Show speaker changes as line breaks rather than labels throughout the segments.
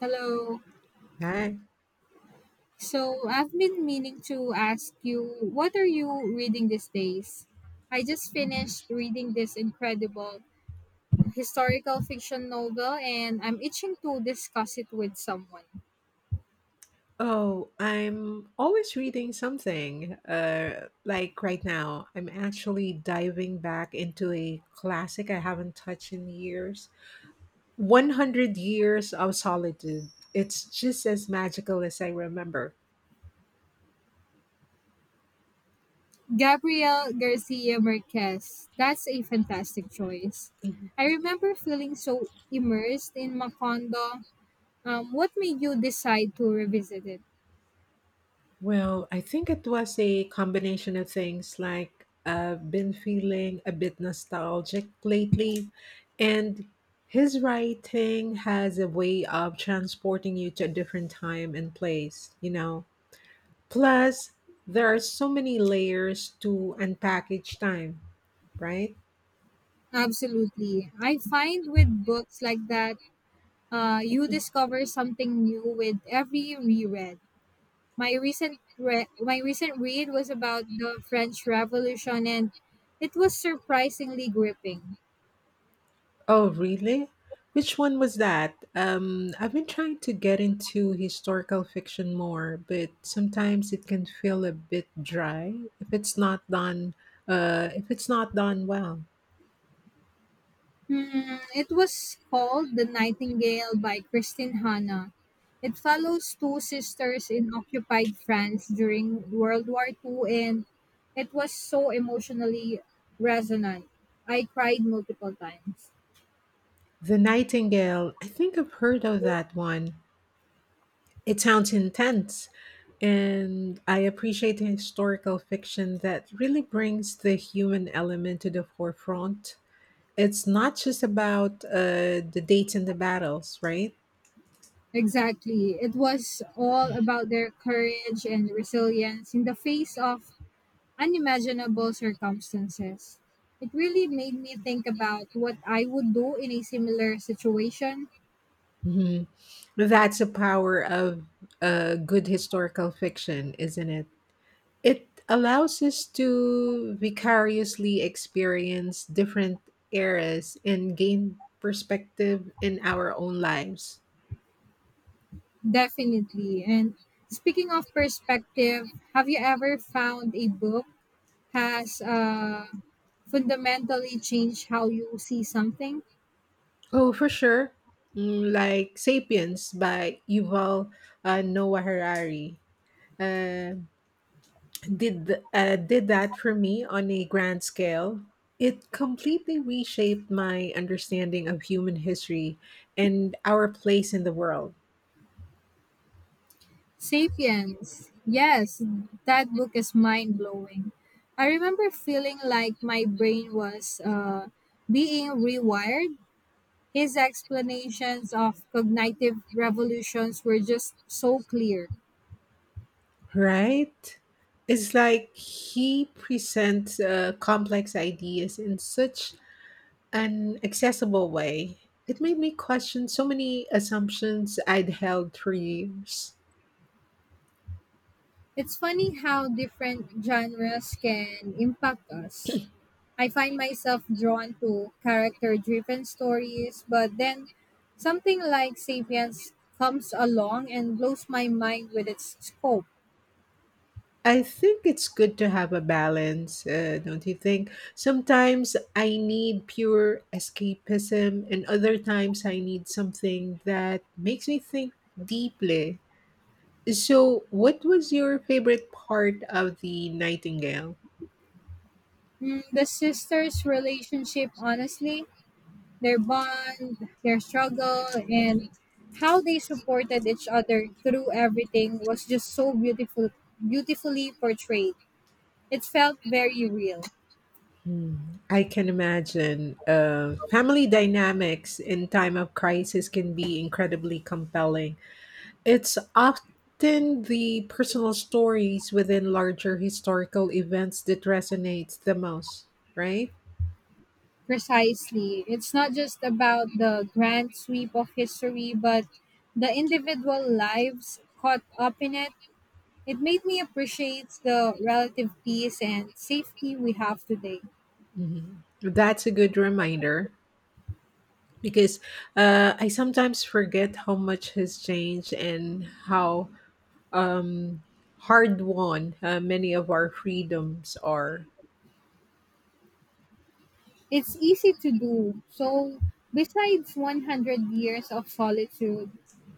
Hello.
Hi.
So I've been meaning to ask you, what are you reading these days? I just finished reading this incredible historical fiction novel and I'm itching to discuss it with someone.
Oh, I'm always reading something. Like right now, I'm actually diving back into a classic I haven't touched in years. 100 Years of Solitude. It's just as magical as I remember.
Gabriel Garcia Marquez. That's a fantastic choice. I remember feeling so immersed in Macondo. What made you decide to revisit it?
Well, I think it was a combination of things. Like I've been feeling a bit nostalgic lately, and his writing has a way of transporting you to a different time and place, you know. Plus, there are so many layers to unpack each time, right?
Absolutely. I find with books like that, you discover something new with every reread. My recent read was about the French Revolution, and it was surprisingly gripping.
Oh, really? Which one was that? I've been trying to get into historical fiction more, but sometimes it can feel a bit dry if it's not done well.
It was called The Nightingale by Christine Hanna. It follows two sisters in occupied France during World War II, and it was so emotionally resonant. I cried multiple times.
The Nightingale, I think I've heard of that one. It sounds intense, and I appreciate historical fiction that really brings the human element to the forefront. It's not just about the dates and the battles, right?
Exactly. It was all about their courage and resilience in the face of unimaginable circumstances. It really made me think about what I would do in a similar situation.
Mhm. That's the power of good historical fiction, isn't it? It allows us to vicariously experience different eras and gain perspective in our own lives.
Definitely. And speaking of perspective, have you ever found a book has fundamentally changed how you see something?
Oh, for sure. Like Sapiens by Yuval Noah Harari. Uh, did that for me on a grand scale. It completely reshaped my understanding of human history and our place in the world.
Sapiens. Yes, that book is mind blowing. I remember feeling like my brain was being rewired. His explanations of cognitive revolutions were just so clear.
Right? It's like he presents complex ideas in such an accessible way. It made me question so many assumptions I'd held for years.
It's funny how different genres can impact us. I find myself drawn to character driven stories, but then something like Sapiens comes along and blows my mind with its scope.
I think it's good to have a balance, don't you think? Sometimes I need pure escapism, and other times I need something that makes me think deeply. So, what was your favorite part of the Nightingale?
Mm, the sisters' relationship, honestly, their bond, their struggle, and how they supported each other through everything was just so beautiful, beautifully portrayed. It felt very real.
Hmm, I can imagine. Family dynamics in time of crisis can be incredibly compelling. It's often the personal stories within larger historical events that resonates the most, right?
Precisely. It's not just about the grand sweep of history, but the individual lives caught up in it. It made me appreciate the relative peace and safety we have today.
Mhm. That's a good reminder because I sometimes forget how much has changed and how um, hard won many of our freedoms are.
It's easy to do. So, besides 100 Years of Solitude,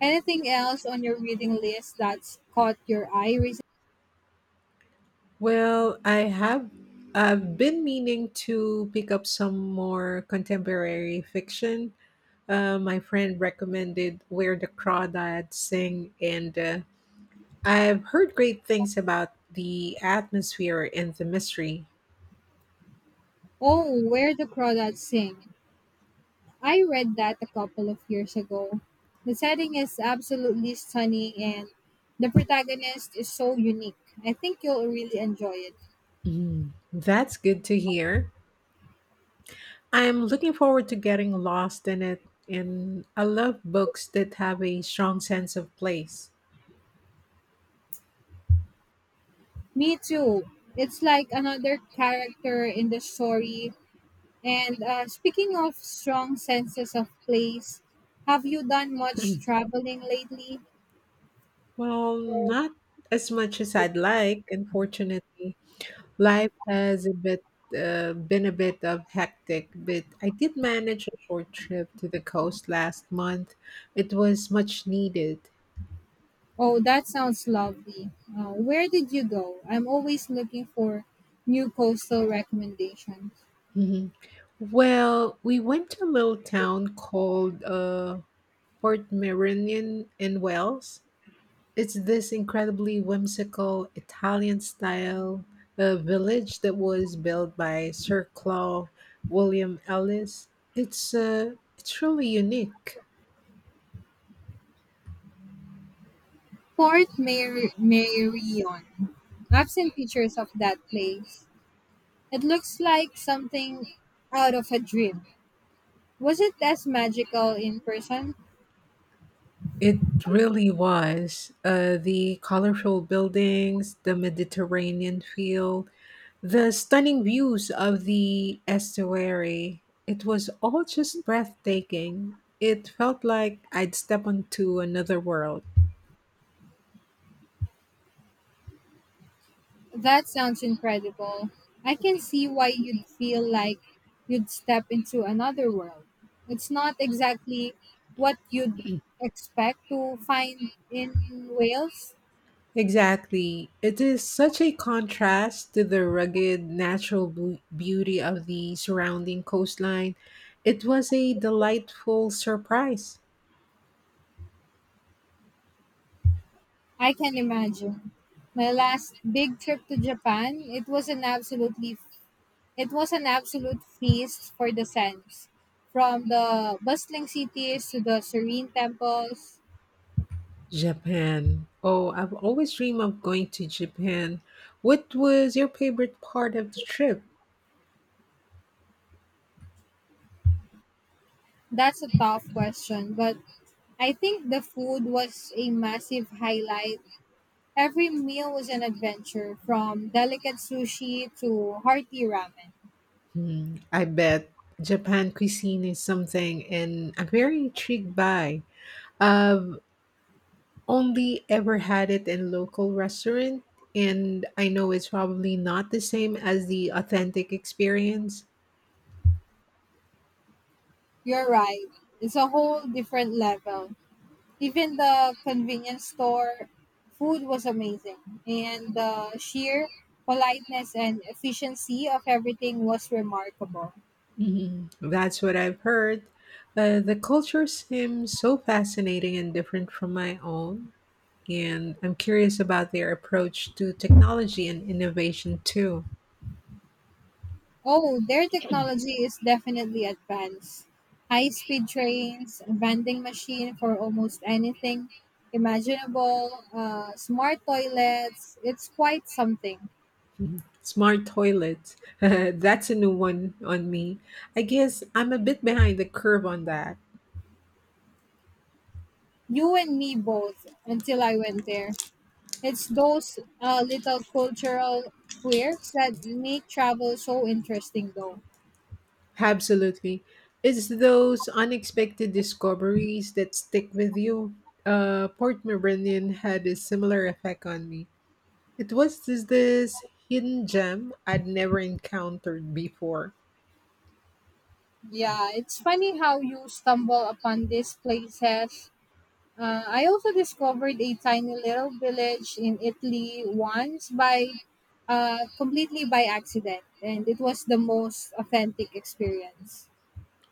anything else on your reading list that's caught your eye recently?
Well, I've been meaning to pick up some more contemporary fiction. My friend recommended Where the Crawdads Sing, and I've heard great things about the atmosphere and the mystery.
Oh, Where the Crawdads Sing. I read that a couple of years ago. The setting is absolutely stunning and the protagonist is so unique. I think you'll really enjoy it.
Mm, that's good to hear. I'm looking forward to getting lost in it, and I love books that have a strong sense of place.
Me too. It's like another character in the story. And speaking of strong senses of place, have you done much traveling lately?
Well, not as much as I'd like, unfortunately. Life has a bit been a bit of hectic, but I did manage a short trip to the coast last month. It was much needed.
Oh, that sounds lovely. Where did you go? I'm always looking for new coastal recommendations.
Mhm. Well, we went to a little town called Port Meridian in Wales. It's this incredibly whimsical Italian style village that was built by Sir Claude William Ellis. It's really unique.
Marion. I've seen pictures of that place. It looks like something out of a dream. Was it as magical in person?
It really was. The colorful buildings, the Mediterranean feel, the stunning views of the estuary. It was all just breathtaking. It felt like I'd step onto another world.
That sounds incredible. I can see why you'd feel like you'd step into another world. It's not exactly what you'd expect to find in Wales.
Exactly. It is such a contrast to the rugged natural beauty of the surrounding coastline. It was a delightful surprise.
I can imagine. My last big trip to Japan, it was an absolute feast for the sense. From the bustling cities to the serene temples.
Japan. Oh, I've always dreamed of going to Japan. What was your favorite part of the trip?
That's a tough question, but I think the food was a massive highlight. Every meal was an adventure, from delicate sushi to hearty ramen.
Hmm, I bet Japan cuisine is something and I'm very intrigued by. I've only ever had it in local restaurant and I know it's probably not the same as the authentic experience.
You're right, it's a whole different level. Even the convenience store food was amazing, and the sheer politeness and efficiency of everything was remarkable.
Mhm, that's what I've heard. The culture seems so fascinating and different from my own. And I'm curious about their approach to technology and innovation too.
Oh, their technology is definitely advanced. High speed trains, a vending machine for almost anything imaginable, smart toilets. It's quite something.
Smart toilets. That's a new one on me. I guess I'm a bit behind the curve on that.
You and me both until I went there. It's those little cultural quirks that make travel so interesting, though.
Absolutely. It's those unexpected discoveries that stick with you. Port Meridian had a similar effect on me. It was this hidden gem I'd never encountered before.
Yeah, it's funny how you stumble upon these places. I also discovered a tiny little village in Italy once by completely by accident, and it was the most authentic experience.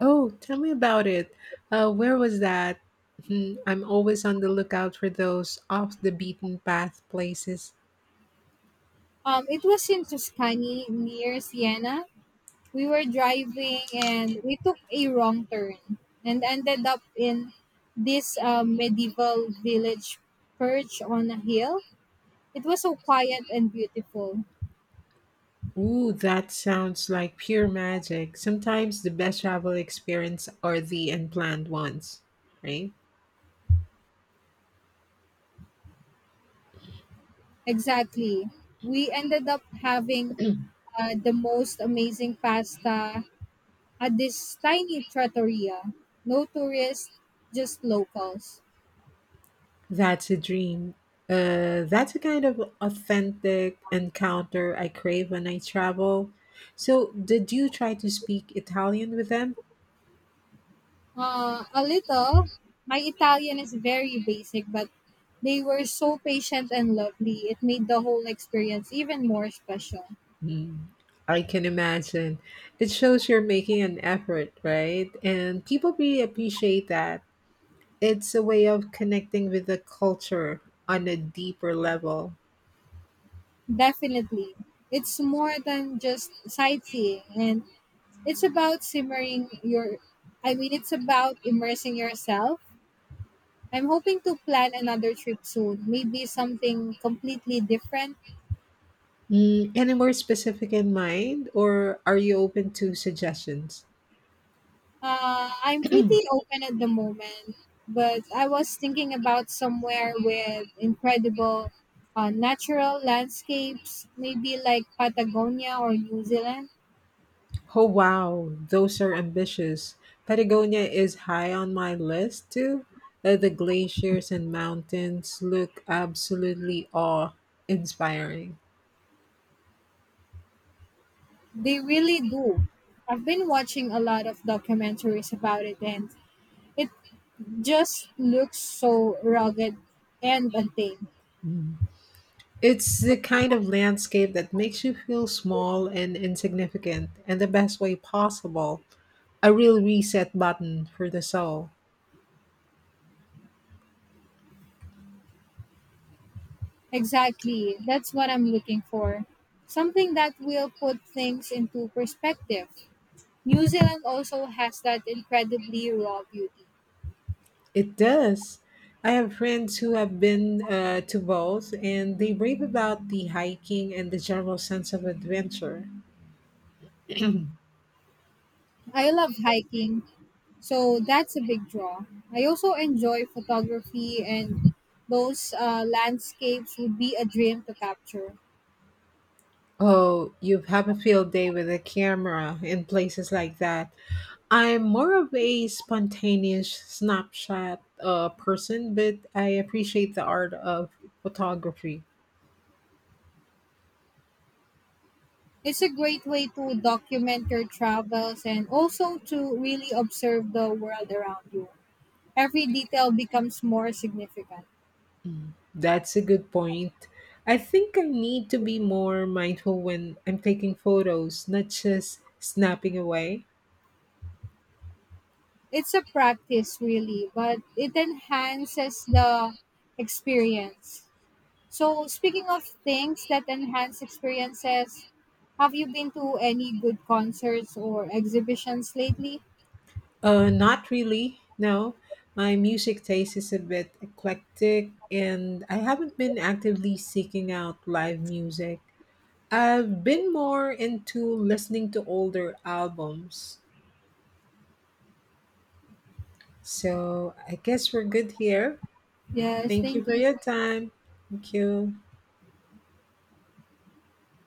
Oh, tell me about it. Where was that? Hmm, I'm always on the lookout for those off the beaten path places.
It was in Tuscany near Siena. We were driving and we took a wrong turn and ended up in this medieval village perched on a hill. It was so quiet and beautiful.
Ooh, that sounds like pure magic. Sometimes the best travel experience are the unplanned ones, right?
Exactly. We ended up having the most amazing pasta at this tiny trattoria. No tourists, just locals.
That's a dream. That's a kind of authentic encounter I crave when I travel. So, did you try to speak Italian with them?
A little. My Italian is very basic, but they were so patient and lovely. It made the whole experience even more special.
Mm, I can imagine. It shows you're making an effort, right? And people really appreciate that. It's a way of connecting with the culture on a deeper level.
Definitely. It's more than just sightseeing, and it's about simmering your, it's about immersing yourself. I'm hoping to plan another trip soon, maybe something completely different.
Mm, any more specific in mind, or are you open to suggestions?
I'm pretty open at the moment, but I was thinking about somewhere with incredible natural landscapes, maybe like Patagonia or New Zealand.
Oh, wow, those are ambitious. Patagonia is high on my list, too. The glaciers and mountains look absolutely awe inspiring.
They really do. I've been watching a lot of documentaries about it, and it just looks so rugged and untamed.
It's the kind of landscape that makes you feel small and insignificant in the best way possible. A real reset button for the soul.
Exactly. That's what I'm looking for. Something that will put things into perspective. New Zealand also has that incredibly raw beauty.
It does. I have friends who have been to both, and they rave about the hiking and the general sense of adventure.
I love hiking, so that's a big draw. I also enjoy photography, and those landscapes would be a dream to capture.
Oh, you have a field day with a camera in places like that. I'm more of a spontaneous snapshot person, but I appreciate the art of photography.
It's a great way to document your travels and also to really observe the world around you. Every detail becomes more significant.
Mm, that's a good point. I think I need to be more mindful when I'm taking photos, not just snapping away.
It's a practice really, but it enhances the experience. So speaking of things that enhance experiences, have you been to any good concerts or exhibitions lately?
Not really, no. My music taste is a bit eclectic, and I haven't been actively seeking out live music. I've been more into listening to older albums. So I guess we're good here.
Yes,
Thank you
thank
for your
you.
time. Thank you.